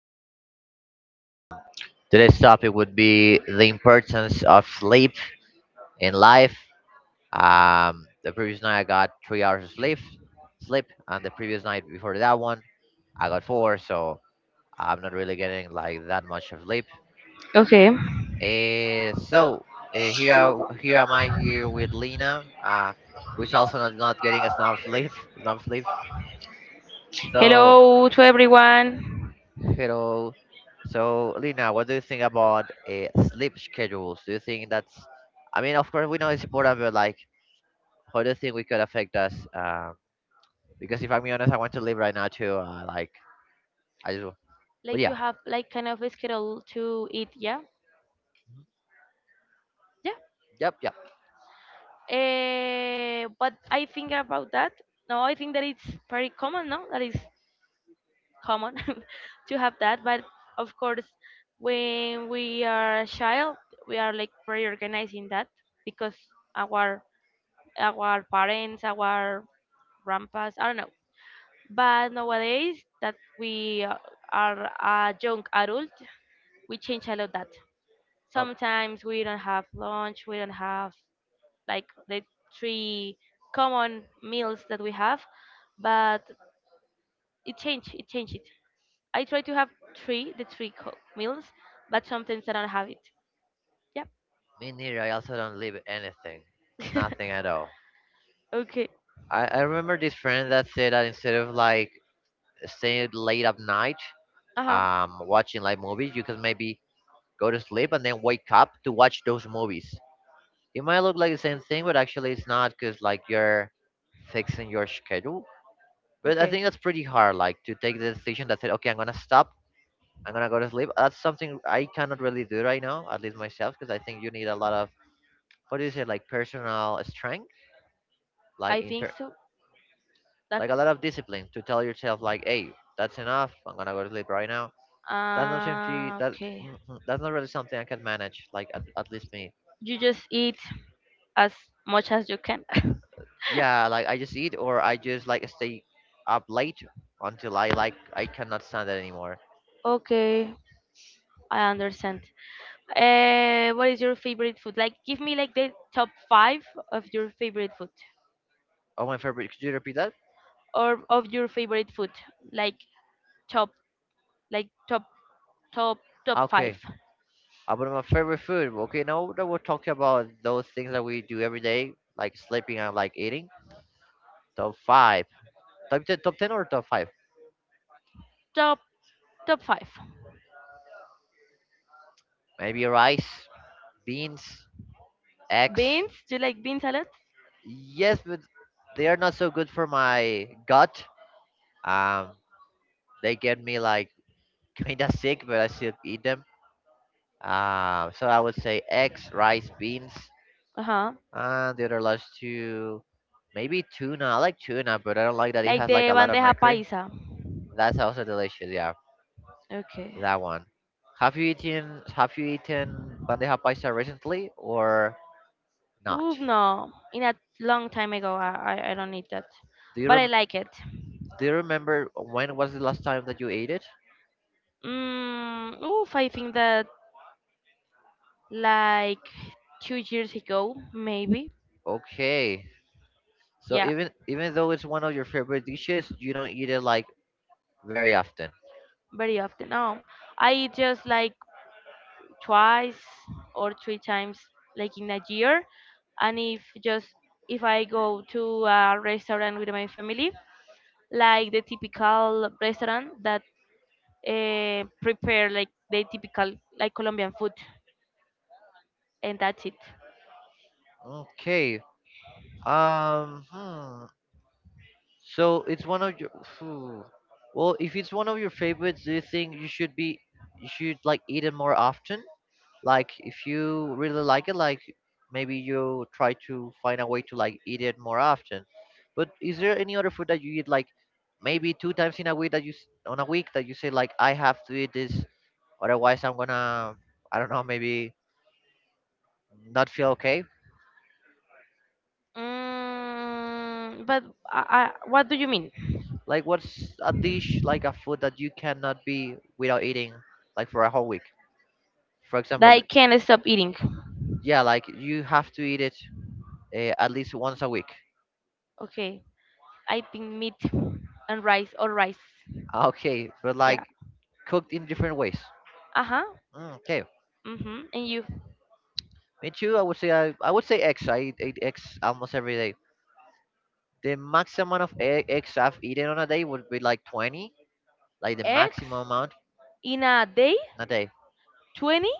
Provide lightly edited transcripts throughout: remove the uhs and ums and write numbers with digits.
a new podcast. Today's topic would be the importance of sleep in life. The previous night I got 3 hours of sleep, and the previous night before that one I got four. So I'm not really getting like that much of sleep. Okay. So here am I here with Lena, which also not getting a enough sleep, enough sleep. So Hello to everyone. hello. So, Lina, what do you think about sleep schedules? Do you think that's, I mean, of course, we know it's important, but like, how do you think we could affect us? Because if I'm being honest, I want to live right now too. Like, I just, but Like yeah, to have like kind of a schedule to eat, yeah? Yeah. yep, yep. But I think about that. No, I think that it's very common, no? That is common to have that. But of course, when we are a child, we are like very organized in that because our our parents, our grandpas, I don't know. But nowadays that we are a young adult, we change a lot that. Oh, Sometimes we don't have lunch, we don't have like the three common meals that we have, but it changed, it changed it. I try to have three, the three meals, but sometimes I don't have it. Yeah. me neither. I also don't live anything, nothing at all. Okay. I remember this friend that said that instead of like staying late at night, Uh huh. Watching like movies, you could maybe go to sleep and then wake up to watch those movies. It might look like the same thing, but actually it's not because like you're fixing your schedule. But I think Okay. that's pretty hard, like to take the decision that said, okay, I'm gonna stop, I'm gonna go to sleep. That's something I cannot really do right now, at least myself, because I think you need a lot of what do you say, like personal strength, like I think inter, so. like Like, a lot of discipline to tell yourself, like, hey, that's enough, I'm gonna go to sleep right now. That's not something that okay. that's not really something I can manage, like at least me. You just eat as much as you can. Yeah, like I just eat or I just like stay up late until I like I cannot stand it anymore. Okay, I understand. What is your favorite food? Like, give me like the top five of your favorite food, Oh, my favorite. Could you repeat that? or of your favorite food, like top, like top, top, top five. Okay, about my favorite food. Okay, now that we're talking about those things that we do every day, like sleeping and like eating. Top five, top ten or top five? Top top five. Maybe rice, beans, eggs. Beans? Do you like bean salad? Yes, but they are not so good for my gut. Um, they get me like kinda sick, but I still eat them. So I would say eggs, rice, beans, Uh huh. and the other last two, maybe tuna. I like tuna, but I don't like that it Like has like the a lot one they of have mercury. paisa. That's also delicious. Yeah, Okay. that one. Have you eaten bandeja paisa recently or not? Oof, no. In a long time ago, I don't eat that. Do you But I rem- like it. Do you remember when was the last time that you ate it? Mm, oof, I think that like 2 years ago, maybe. Okay, so Yeah, even though it's one of your favorite dishes, you don't eat it like very often. very often. No, I eat just like twice or three times, like in a year. And if just if I go to a restaurant with my family, like the typical restaurant that prepare like the typical like Colombian food, and that's it. Okay. Um. hmm. So it's one of your. Phew. Well, if it's one of your favorites, do you think you should be, you should like eat it more often? Like if you really like it, like maybe you try to find a way to like eat it more often. But is there any other food that you eat like maybe two times in a week that you on a week that you say like I have to eat this, otherwise I'm gonna I don't know maybe not feel okay. Mm, but what do you mean? Like what's a dish like a food that you cannot be without eating like for a whole week? For That I example, can't stop eating? yeah, like you have to eat it at least once a week. Okay, I think meat and rice or rice. Ah, okay, but like Yeah. cooked in different ways. Uh huh. Mm, okay, Mhm. And you? me too. I would say I would say eggs. I eat eggs almost every day. The max amount of eggs I've eaten on a day would be like 20, like the Eggs maximum amount in a day? in a day. 20?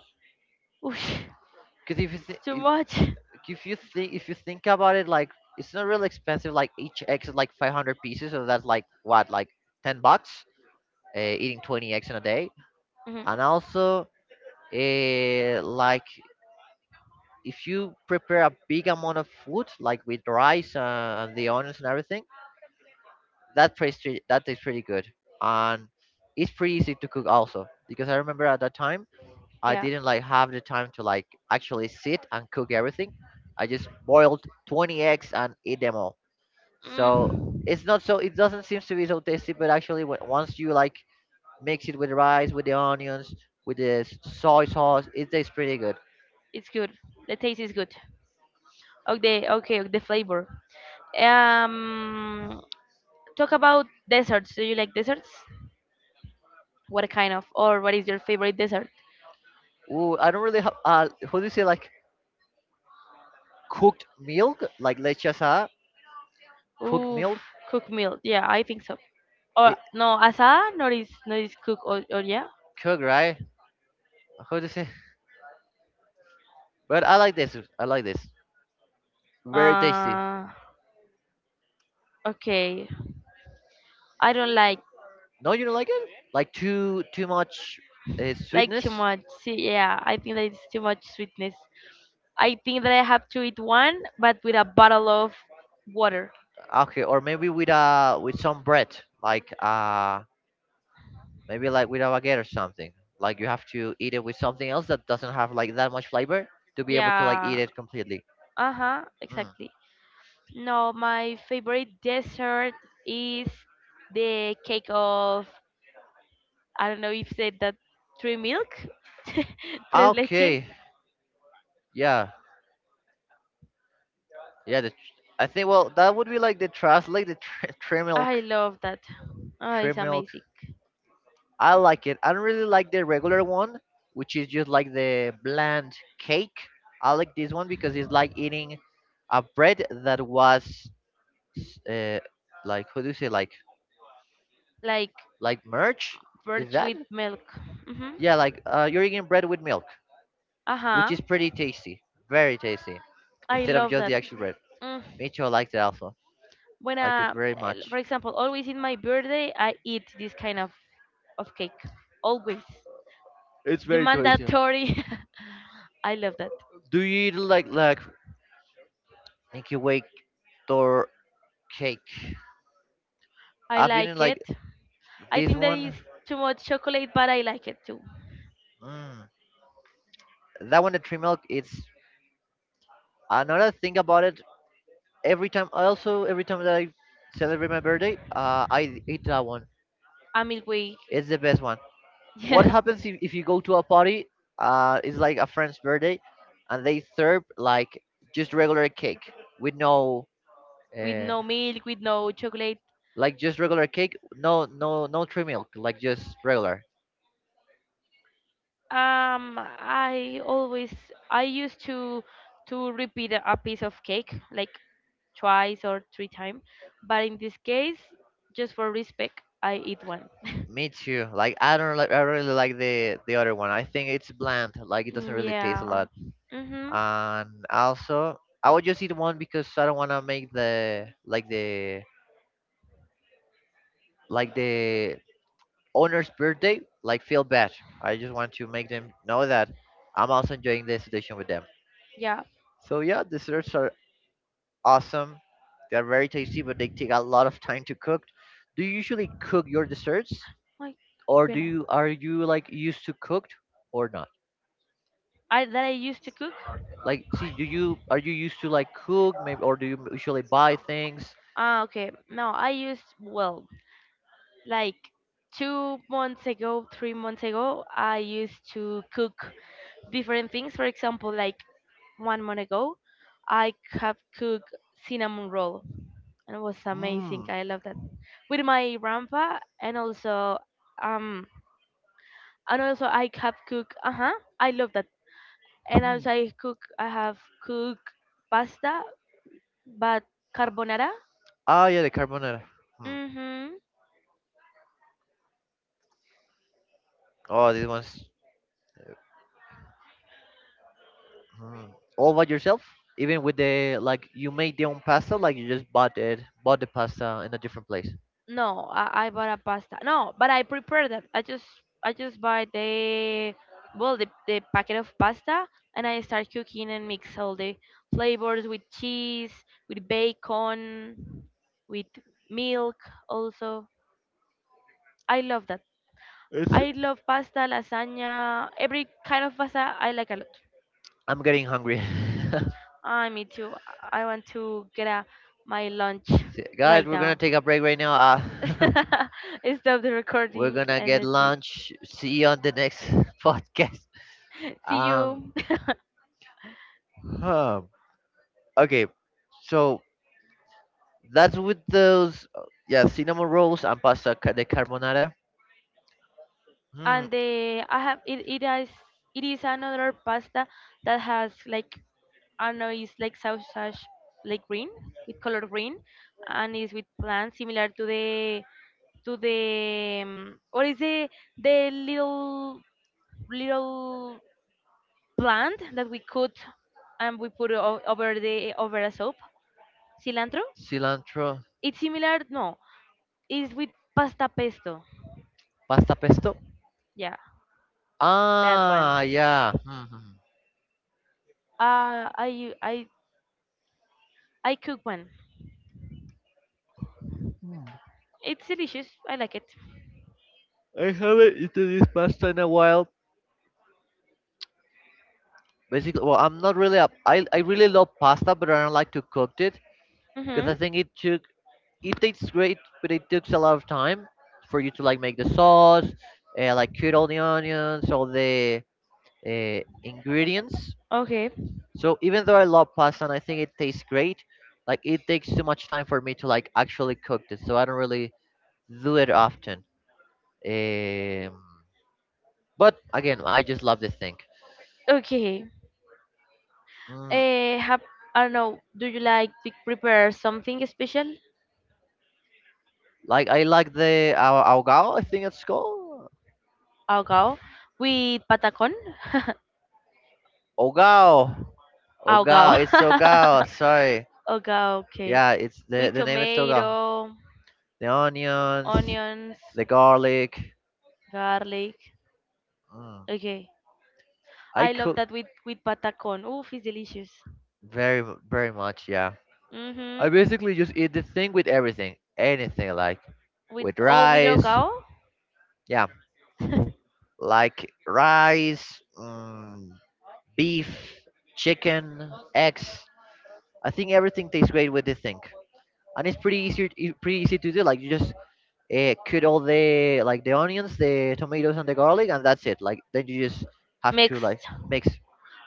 Oosh, Because if you th- too if much. if you think if you think about it, like it's not really expensive. Like each egg is like 500 pieces, so that's like what like $10. Eating 20 eggs in a day, Mhm. and also like if you prepare a big amount of food, like with rice and the onions and everything, that tastes pretty good, and it's pretty easy to cook also. Because I remember at that time, I Yeah. didn't like have the time to like actually sit and cook everything. I just boiled 20 eggs and eat them all. So Mm, it's not so it doesn't seem to be so tasty, but actually when, once you like mix it with rice, with the onions, with the soy sauce, it tastes pretty good. it's good. The taste is good. Of the okay, of the flavor. Um, talk about desserts. Do you like desserts? What kind of, or what is your favorite dessert? Ooh, I don't really have. Who do you say like cooked milk, like lechasa, cooked Oof, milk, cooked meal. Yeah, I think so. it, Or no, asada, not is not is cook or yeah. cooked right? How to say? But I like this. I like this. Very tasty. Uh, okay. I don't No, you don't like it? Like too much like too sweetness? much. See, yeah, I think that it's too much sweetness. I think that I have to eat one, but with a bottle of water. Okay, or maybe with with some bread, like maybe like with a baguette or something. Like you have to eat it with something else that doesn't have like that much flavor to be able to like eat Yeah. it completely. Uh huh. Mm. Exactly. No, my favorite dessert is the cake of I don't know if said that three milk, Ah, tres leches. okay, yeah, yeah. I think well that would be like the trust, like the trimilk, I love that. Oh, it's milk. amazing. I like it. I don't really like the regular one, which is just like the bland cake. I like this one because it's like eating a bread that was, uh, like what do you say, Like like merch? Is birch that? with milk. Hmm. Yeah, like you're eating bread with milk, Uh which is huh. pretty tasty, very tasty, I instead of love just the that. actual bread. Mm. Micho likes it also. When Like it very for much. example, always in my birthday, I eat this kind of cake. Always. It's It's the very tasty. mandatory. I love that. Do you eat like Nicky Wake cake. I I've been in like like it. I this think there is one. too much chocolate, but I like it too. Mm, that one, the tree milk. It's another thing about it. Every time, also every time that I celebrate my birthday, I eat that one. A milk. It's the best one. What Yeah. happens if you go to a party? It's like a friend's birthday, and they serve like just regular cake with no, With uh, no milk, with no chocolate. like just regular cake. No, no, no tree milk. Like just regular. Um, I always I used to repeat a piece of cake like twice or three times, but in this case, just for respect, I eat one. Me too. Like I don't like I really like the other one. I think it's bland. Like it doesn't Mm. really taste a Yeah. lot. Mhm. And also, I would just eat one because I don't want to make the like the owner's birthday like feel bad. I just want to make them know that I'm also enjoying the situation with them. Yeah. So yeah, desserts are awesome. They're very tasty, but they take a lot of time to cook. Do you usually cook your desserts, Like or do pina. you are you like used to cooked or not? I that I used to cook. Like, see, do you are you used to like cook, maybe, or do you usually buy things? Ah, okay. No, like 2 months ago, 3 months ago, I used to cook different things. For example, like one month ago, I have cooked cinnamon roll and it was amazing. Mm. I love that with my grandpa um and also I have cooked uh huh I love that and Mm. also I have cooked pasta but carbonara. Ah, yeah, the carbonara. Hmm. Mm-hmm. Oh, this one's hmm. all by yourself. Even with the like, you made your own pasta. Like, you just bought it, bought the pasta in a different place. No, I bought a pasta. No, but I prepared that. I just buy the packet of pasta and I start cooking and mix all the flavors with cheese, with bacon, with milk also. I love that. It's. I love pasta, lasagna, every kind of pasta I like a lot. I'm getting hungry. Ah, me too. I want to get a, my lunch Guys, right we're gonna now. take a break right now. Stop the we're recording gonna and get that's it. lunch. See you on the next podcast. See Um, you. huh. Okay, so that's with those. Yeah, cinnamon rolls and pasta ca- de carbonara. Hmm. And the I have it, it is another pasta that has like I don't know it's like sausage like green with color green and is with plants similar to the what is the little little plant that we cut and we put over the over a soap cilantro Cilantro, it's similar no it's with pasta pesto pasta pesto. yeah that Ah, one yeah. hmm uh I I I cook one. hmm. It's delicious. I like it. I haven't eaten this pasta in a while. Basically, well, I'm not really up. I really love pasta, but I don't like to cook it because Mm-hmm. I think it tastes great, but it takes a lot of time for you to like make the sauce, like cut all the onions, all the ingredients. Okay. So even though I love pasta and I think it tastes great, like it takes too much time for me to like actually cook it. So I don't really do it often. Um, but again, I just love the thing. Okay. Mm, Have I don't know. Do you like to prepare something special? like I like the Aogao, I think it's called Algao with patacon. Ogao. Algao. Algao. Ogao, it's Ogao. Sorry. Okay. Yeah, it's With the name is Ogao. tomato, The onions, onions, the garlic. garlic. Mm. Okay. I I love cook that with patacon. Oof, it's delicious. Very much. Yeah, I Mm-hmm. basically just eat the thing with everything, anything like With with all with rice. algao Yeah, like rice, mm, beef, chicken, eggs. I think everything tastes great with the thing. And it's pretty pretty easy to do like you just cut all the like the onions the tomatoes and the garlic and that's it like then you just have to like mixed. mix.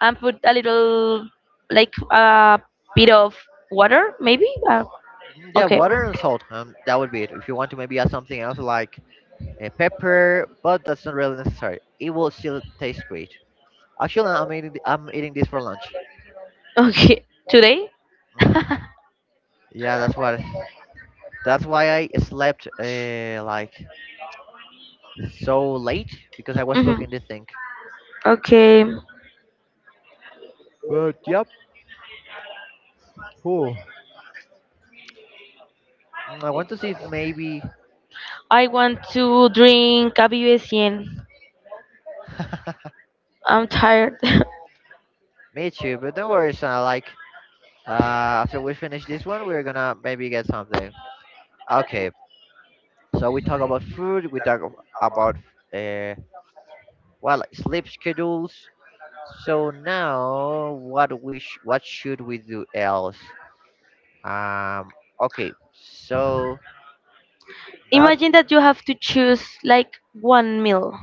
And put a little like a bit of water maybe Mm, yeah okay water and salt that would be it if you want to maybe add something else like pepper but that's not really necessary it will still taste great. Actually I'm eating I'm eating this for lunch. okay today Hmm yeah that's what that's why I slept like so late because I was hmm cooking this thing. okay Mm. But yep oh. Mm, I want to see if maybe I want to drink a BBSN I'm tired. me too, but don't worry, son. Like, after we finish this one, we're gonna maybe get something. Okay, so we talk about food. We talk ab- about uh, well, sleep schedules. So now, what should we do else? Um, okay, so not Imagine that you have to choose like one meal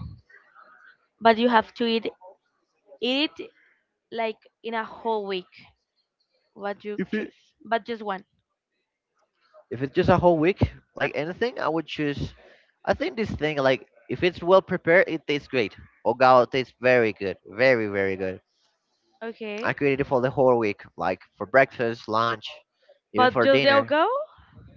but you have to eat it like in a whole week what you if it choose but just one. if it's just a whole week, like anything, I would choose. I think this thing, like, if it's well prepared, it tastes great. Ogao tastes very good, very very good. I Okay. could eat it for the whole week, like for breakfast, lunch, even But for just they'll dinner. go?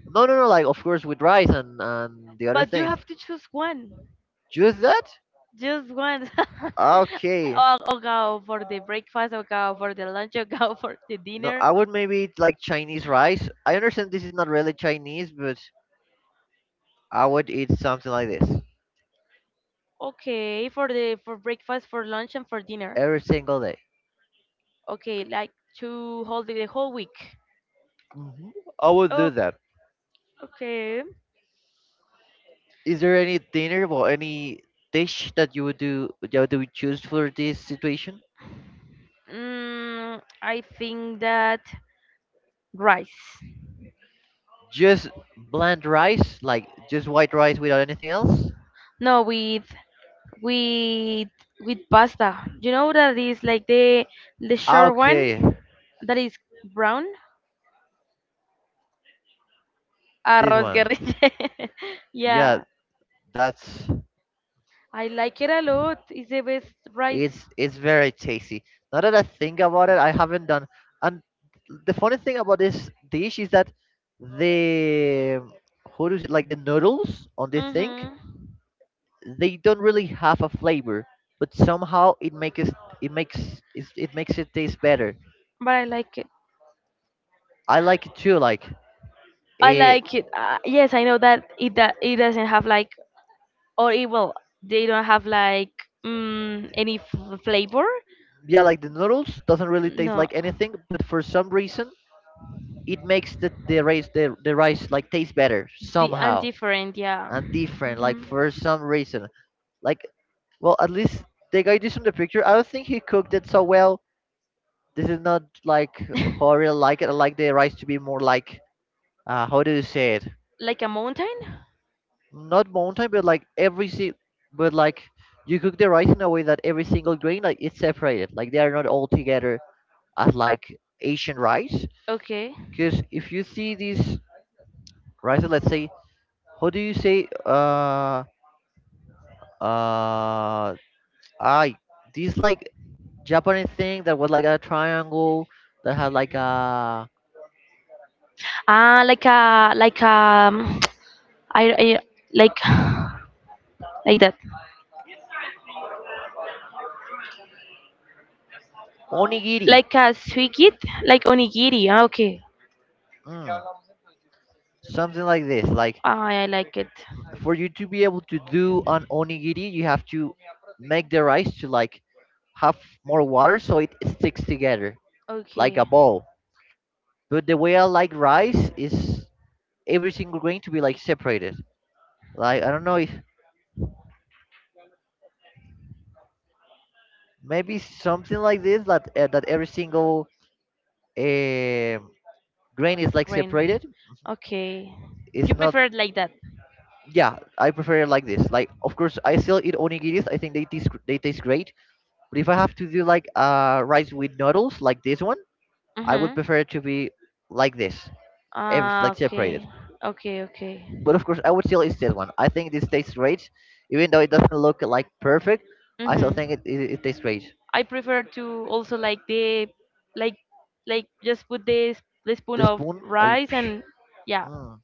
No, no, no, like of course with rice and the other But you things. have to choose one. Just that? Just one. Okay. Or go for the breakfast, or go for the lunch, or go for the No, dinner. I would maybe eat like Chinese rice. I understand this is not really Chinese, but I would eat something like this Okay, for the for breakfast, for lunch, and for dinner. every single day. Okay, like to hold the whole week. Mhm. I would do Oh, that. okay. Is there any dinner or any dish that you would do that you would choose for this situation? Mm, I think that rice. Just bland rice, like just white rice without anything else. No, with with with pasta. You know that is like the Ah, short one okay, that is brown. this Arroz one. guerrilla. Yeah, Yeah, that's I like it a lot. It's the best rice. It's very tasty. Now that I think about it, I haven't done. And the funny thing about this dish is that the how does it like the noodles on this thing, Mhm. they don't really have a flavor, but somehow it makes it taste better. But I like it. I like it too. Like I eh, like it. Yes, I know that it doesn't have like or it will. They don't have like mm, any flavor. yeah, like the noodles doesn't really taste No. like anything, but for some reason it makes the rice like taste better The and somehow different, yeah. and different. Like Mhm. for some reason, like well, at least the guy, this on the picture, I don't think he cooked it so well. This is not like how I really like it. I like the rice to be more like how do you say it? Like a mountain? Not mountain, but like you cook the rice in a way that every single grain, like, it's separated, like they are not all together as like Asian rice. Okay. Because if you see these rice, let's say, how do you say, uh, I, these like Japanese thing that was like a triangle that had like a Ah, like a I like like that. onigiri, Like a suikit, like onigiri. Ah, okay. mm, something like this. Like Ah, I like it. for you to be able to do an onigiri, you have to make the rice to like have more water so it sticks together like Okay. a ball. But the way I like rice is every single grain to be like separated. Like I don't know if maybe something like this, that every single um grain is like Green. separated. Okay. It's You not. prefer it like that? Yeah, I prefer it like this. Like of course I still eat onigiris. I think they taste great, but if I have to do like rice with noodles like this one, I would Mm-hmm. prefer it to be like this ev- Ah, like okay. separated. Okay, okay. But of course I would still eat this one. I think this tastes great even though it doesn't look like perfect. I still Mm-hmm. think it tastes great, I prefer to also like the like just put this the spoon the of spoon I, rice Psh, and yeah. mm.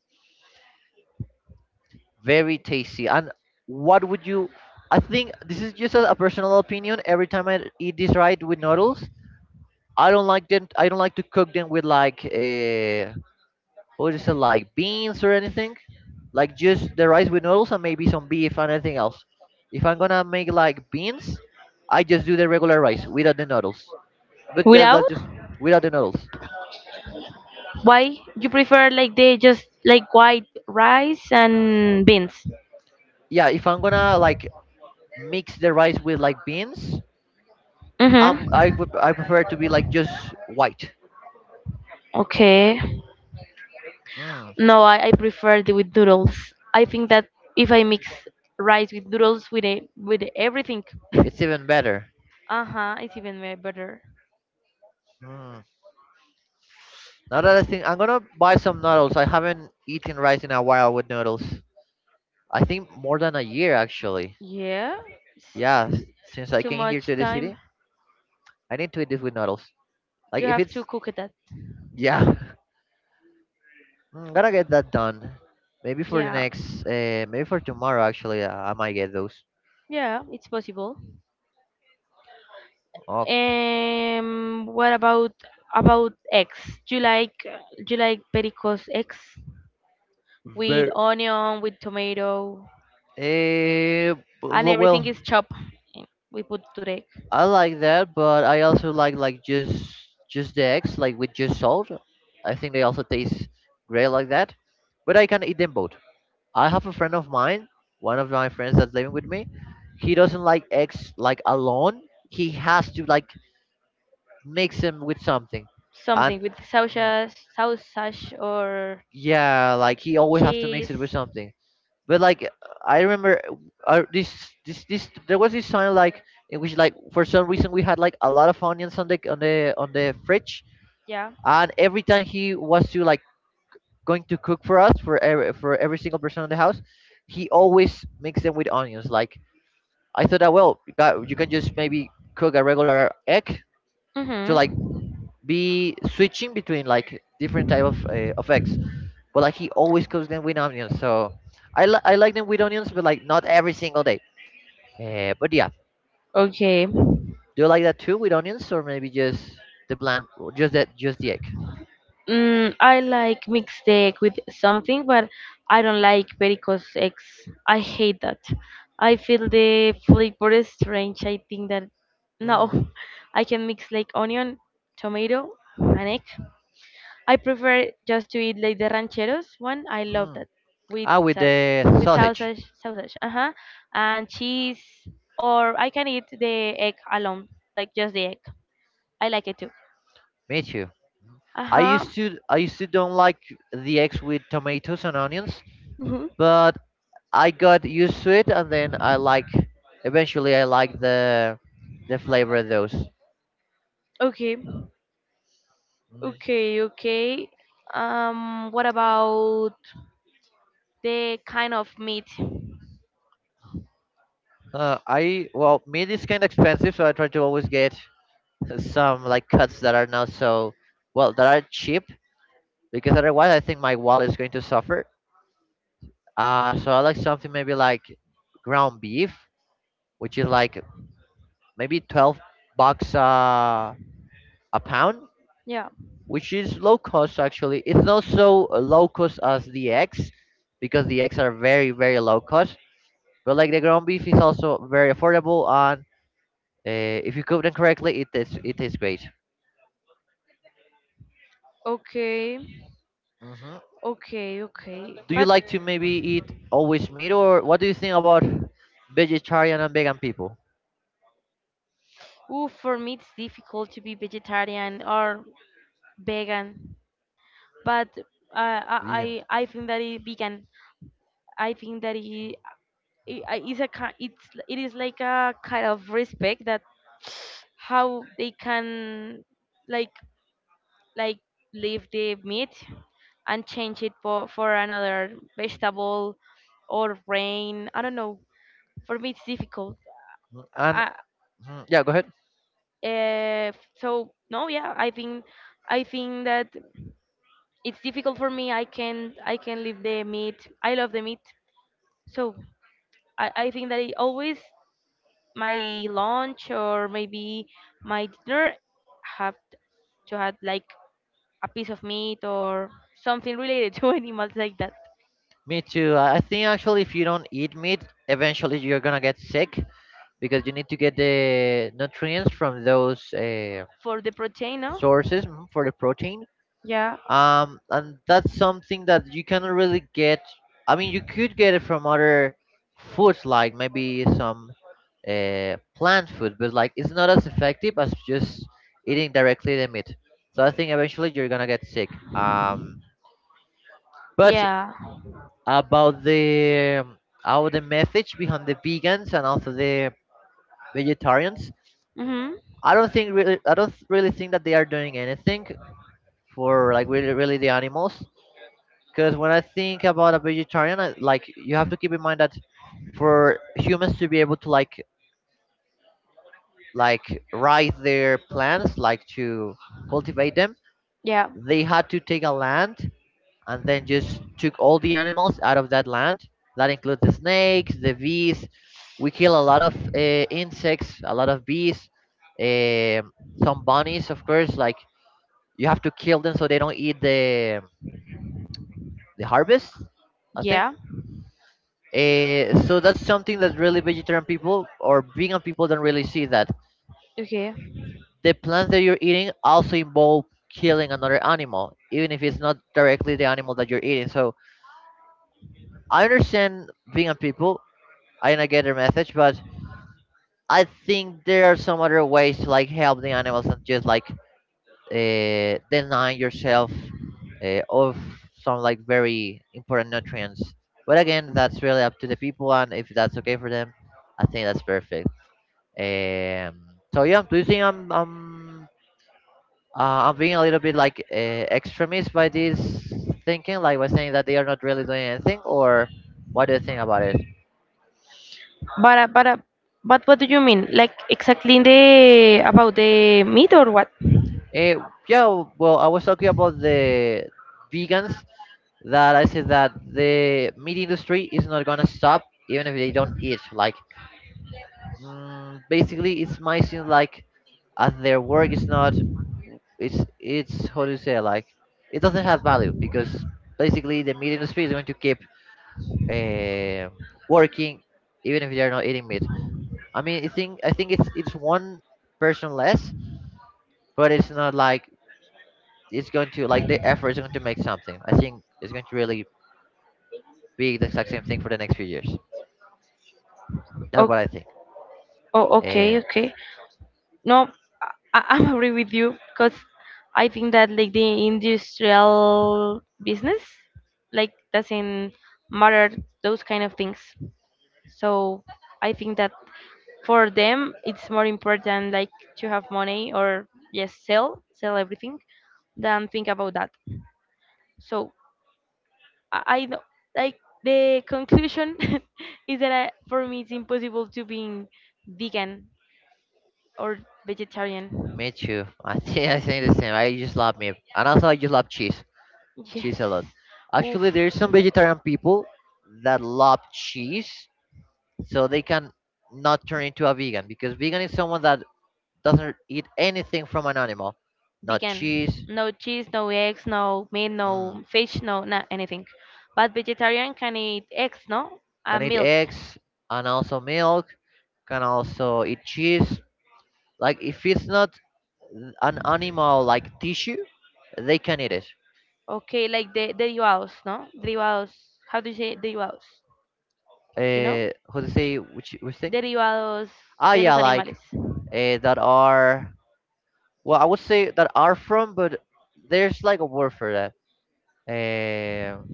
Very tasty. And what would you? I think this is just a personal opinion. Every time I eat this right with noodles, I don't like them. I don't like to cook them with like what is it, like beans or anything. Like just the rice with noodles and maybe some beef and anything else. If I'm gonna make like beans, I just do the regular rice without the noodles. But just that's Without? just without the noodles. Why you prefer like the just like white rice and beans? Yeah, if I'm gonna like mix the rice with like beans, I'm Mm-hmm. I, pref- I prefer it to be like just white. Okay. Mm. No, I prefer the with noodles. I think that if I mix rice with noodles with a, with everything, It's even better. uh huh, it's even way better. Mm. Now that I think, I'm gonna buy some noodles. I haven't eaten rice in a while with noodles. I think more than a year actually. Yeah, it's Yeah, s- l- since I too came here much to the time. city, I need to eat this with noodles. Like You if have it's, to cook it. That yeah, I'm gonna get that done. Maybe for the yeah, next, maybe for tomorrow actually. I might get those. yeah, it's possible. Okay. What about eggs? Do you like pericos eggs with Very onion, with tomato, Eh, and everything well, is chopped? And we put to the egg. I like that, but I also like just the eggs, like with just salt. I think they also taste great like that. But I can eat them both. I have a friend of mine, one of my friends that's living with me. He doesn't like eggs like alone. He has to like mix them with something, and Something with sausage, sausage or yeah, like he always have to mix it with cheese. something. But like I remember, this this this there was this time like in which like for some reason we had like a lot of onions on the fridge, Yeah. and every time he was to like going to cook for us, for every single person in the house, he always makes them with onions. Like, I thought that, well, you can just maybe cook a regular egg Mhm. to like be switching between like different type of eggs but like he always cooks them with onions. So I like them with onions, but like not every single day, but yeah, Okay. do you like that too with onions, or maybe just the bland, or just that, just the egg? Mm, I like mixed egg with something, but I don't like varicose eggs. I hate that. I feel the flavor is strange. I think that no, I can mix like onion, tomato, and egg. I prefer just to eat like the rancheros one. I love Mm. that with Ah, with the with sausage. sausage, sausage, uh huh, and cheese. Or I can eat the egg alone, like just the egg. I like it too. Me too. Uh I huh. used to I used to don't like the eggs with tomatoes and onions, Hmm. but I got used to it, and then I like eventually I like the flavor of those. Okay. Okay, okay. What about the kind of meat? I Well, meat is kind of expensive, so I try to always get some like cuts that are not so well, that are cheap, because otherwise I think my wallet is going to suffer. So I like something maybe like ground beef, which is like maybe 12 bucks a pound, Yeah. which is low cost actually. It's not so low cost as the eggs, because the eggs are very very low cost. But like the ground beef is also very affordable, and if you cook them correctly, it is great. Okay. Hmm. Okay, okay. Do you But like to maybe eat always meat, or what do you think about vegetarian and vegan people? ooh, for me it's difficult to be vegetarian or vegan. But Vegan. I think that it vegan. I think that it is a it's it is like a kind of respect that how they can like like leave the meat and change it for another vegetable or grain. I don't know. For me it's difficult Mm. And I, mhm, yeah, go ahead. So no yeah I think that it's difficult for me I can leave the meat I love the meat so I think that it always my lunch or maybe my dinner have to have like a piece of meat or something related to animals like that Me too. I think actually, if you don't eat meat, eventually you're gonna get sick, because you need to get the nutrients from those. For the protein no Sources, mhm, for the protein. yeah. And that's something that you cannot really get. I mean, you could get it from other foods, like maybe some plant food, but like it's not as effective as just eating directly the meat. So I think eventually you're gonna get sick. Um, but Yeah. about the how, the message behind the vegans and also the vegetarians, Mm-hmm. I don't really think that they are doing anything for like really really the animals. Because when I think about a vegetarian, like, you have to keep in mind that for humans to be able to like raise their plants, like to cultivate them, Yeah. they had to take a land and then just took all the animals out of that land. That includes the snakes, the bees. We kill a lot of insects, a lot of bees, um some bunnies, of course. Like you have to kill them so they don't eat the harvest. I think. Yeah. So that's something that really vegetarian people or vegan people don't really see, that Okay. the plants that you're eating also involve killing another animal, even if it's not directly the animal that you're eating. So I understand vegan people, I don't get their message, but I think there are some other ways to like help the animals and just like denying yourself of some like very important nutrients. But again, that's really up to the people, and if that's okay for them, I think that's perfect. So yeah, do you think I'm being a little bit like extremist by this thinking, like by saying that they are not really doing anything, or what do you think about it? But uh, but uh, but what do you mean? Like exactly in the about the meat or what? Eh, yeah, well, I was talking about the vegans that I said that the meat industry is not gonna stop even if they don't eat. Like, basically, it's my, seems like as their work is not, it's it's how do you say, like it doesn't have value, because basically the meat industry is going to keep uh, working even if they're not eating meat. I mean, I think it's one person less, but it's not like it's going to, like the effort is going to make something. I think it's going to really be the exact same thing for the next few years. That's Oh, what I think. oh okay, And okay. No, I, I'm agree with you because I think that like the industrial business like doesn't matter those kind of things. So I think that for them it's more important like to have money or yes sell sell everything than think about that so I don't like the conclusion. Is that I, for me it's impossible to being vegan or vegetarian me too. I think the same. I just love meat, and also I just love cheese. yes Cheese a lot. oof Actually, there's some vegetarian people that love cheese, so they can not turn into a vegan, because vegan is someone that doesn't eat anything from an animal, not vegan cheese. no cheese no eggs no meat no mm, fish no not anything but vegetarian can eat eggs no can and eat milk. eggs and also milk, can also eat cheese, like if it's not an animal like tissue, they can eat it. Okay, like de derivados, ¿no? Derivados. How do you say derivados? You know? How to say, which thing, Derivados de yeah, los like animales. That are, well, I would say that are from, but there's like a word for that um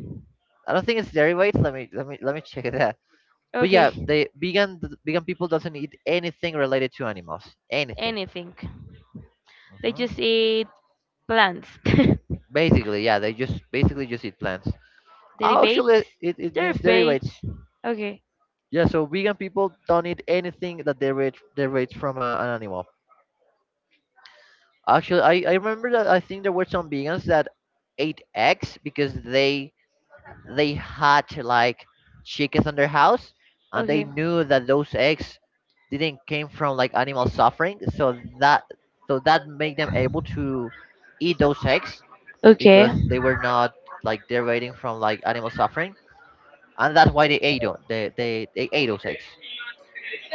I don't think it's derivatives. Let me check it. But Okay. yeah, they vegan vegan people doesn't eat anything related to animals. Anything. Anything. They Hmm. just eat plants. Basically, yeah, they just basically just eat plants. Oh, actually, Derivates. it means Derivates. derivatives. Okay. Yeah, so vegan people don't eat anything that derivates from an animal. Actually, I remember that I think there were some vegans that ate eggs, because they had like chickens on their house, and they Okay. knew that those eggs didn't came from like animal suffering, so that, made them able to eat those eggs, Okay. because they were not like derivating from like animal suffering, and that's why they ate on they ate those eggs.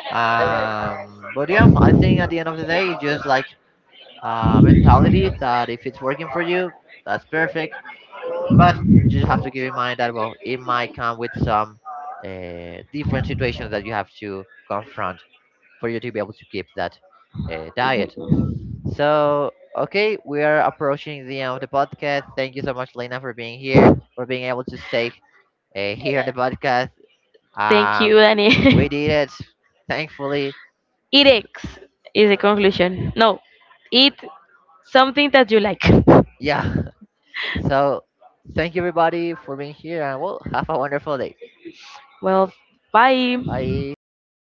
But yeah, I think at the end of the day, it's just like mentality, that if it's working for you, that's perfect, but you just have to keep in mind that, well, it might come with some different situations that you have to confront for you to be able to keep that diet. So okay, we are approaching the end of the podcast. Thank you so much, Lena, for being here, for being able to stay here on the podcast. Thank you, Um, we Danny. did it, thankfully. Eat eggs is a conclusion. No, eat something that you like. Yeah. So thank you everybody for being here, and well, have a wonderful day. Well, bye. Bye.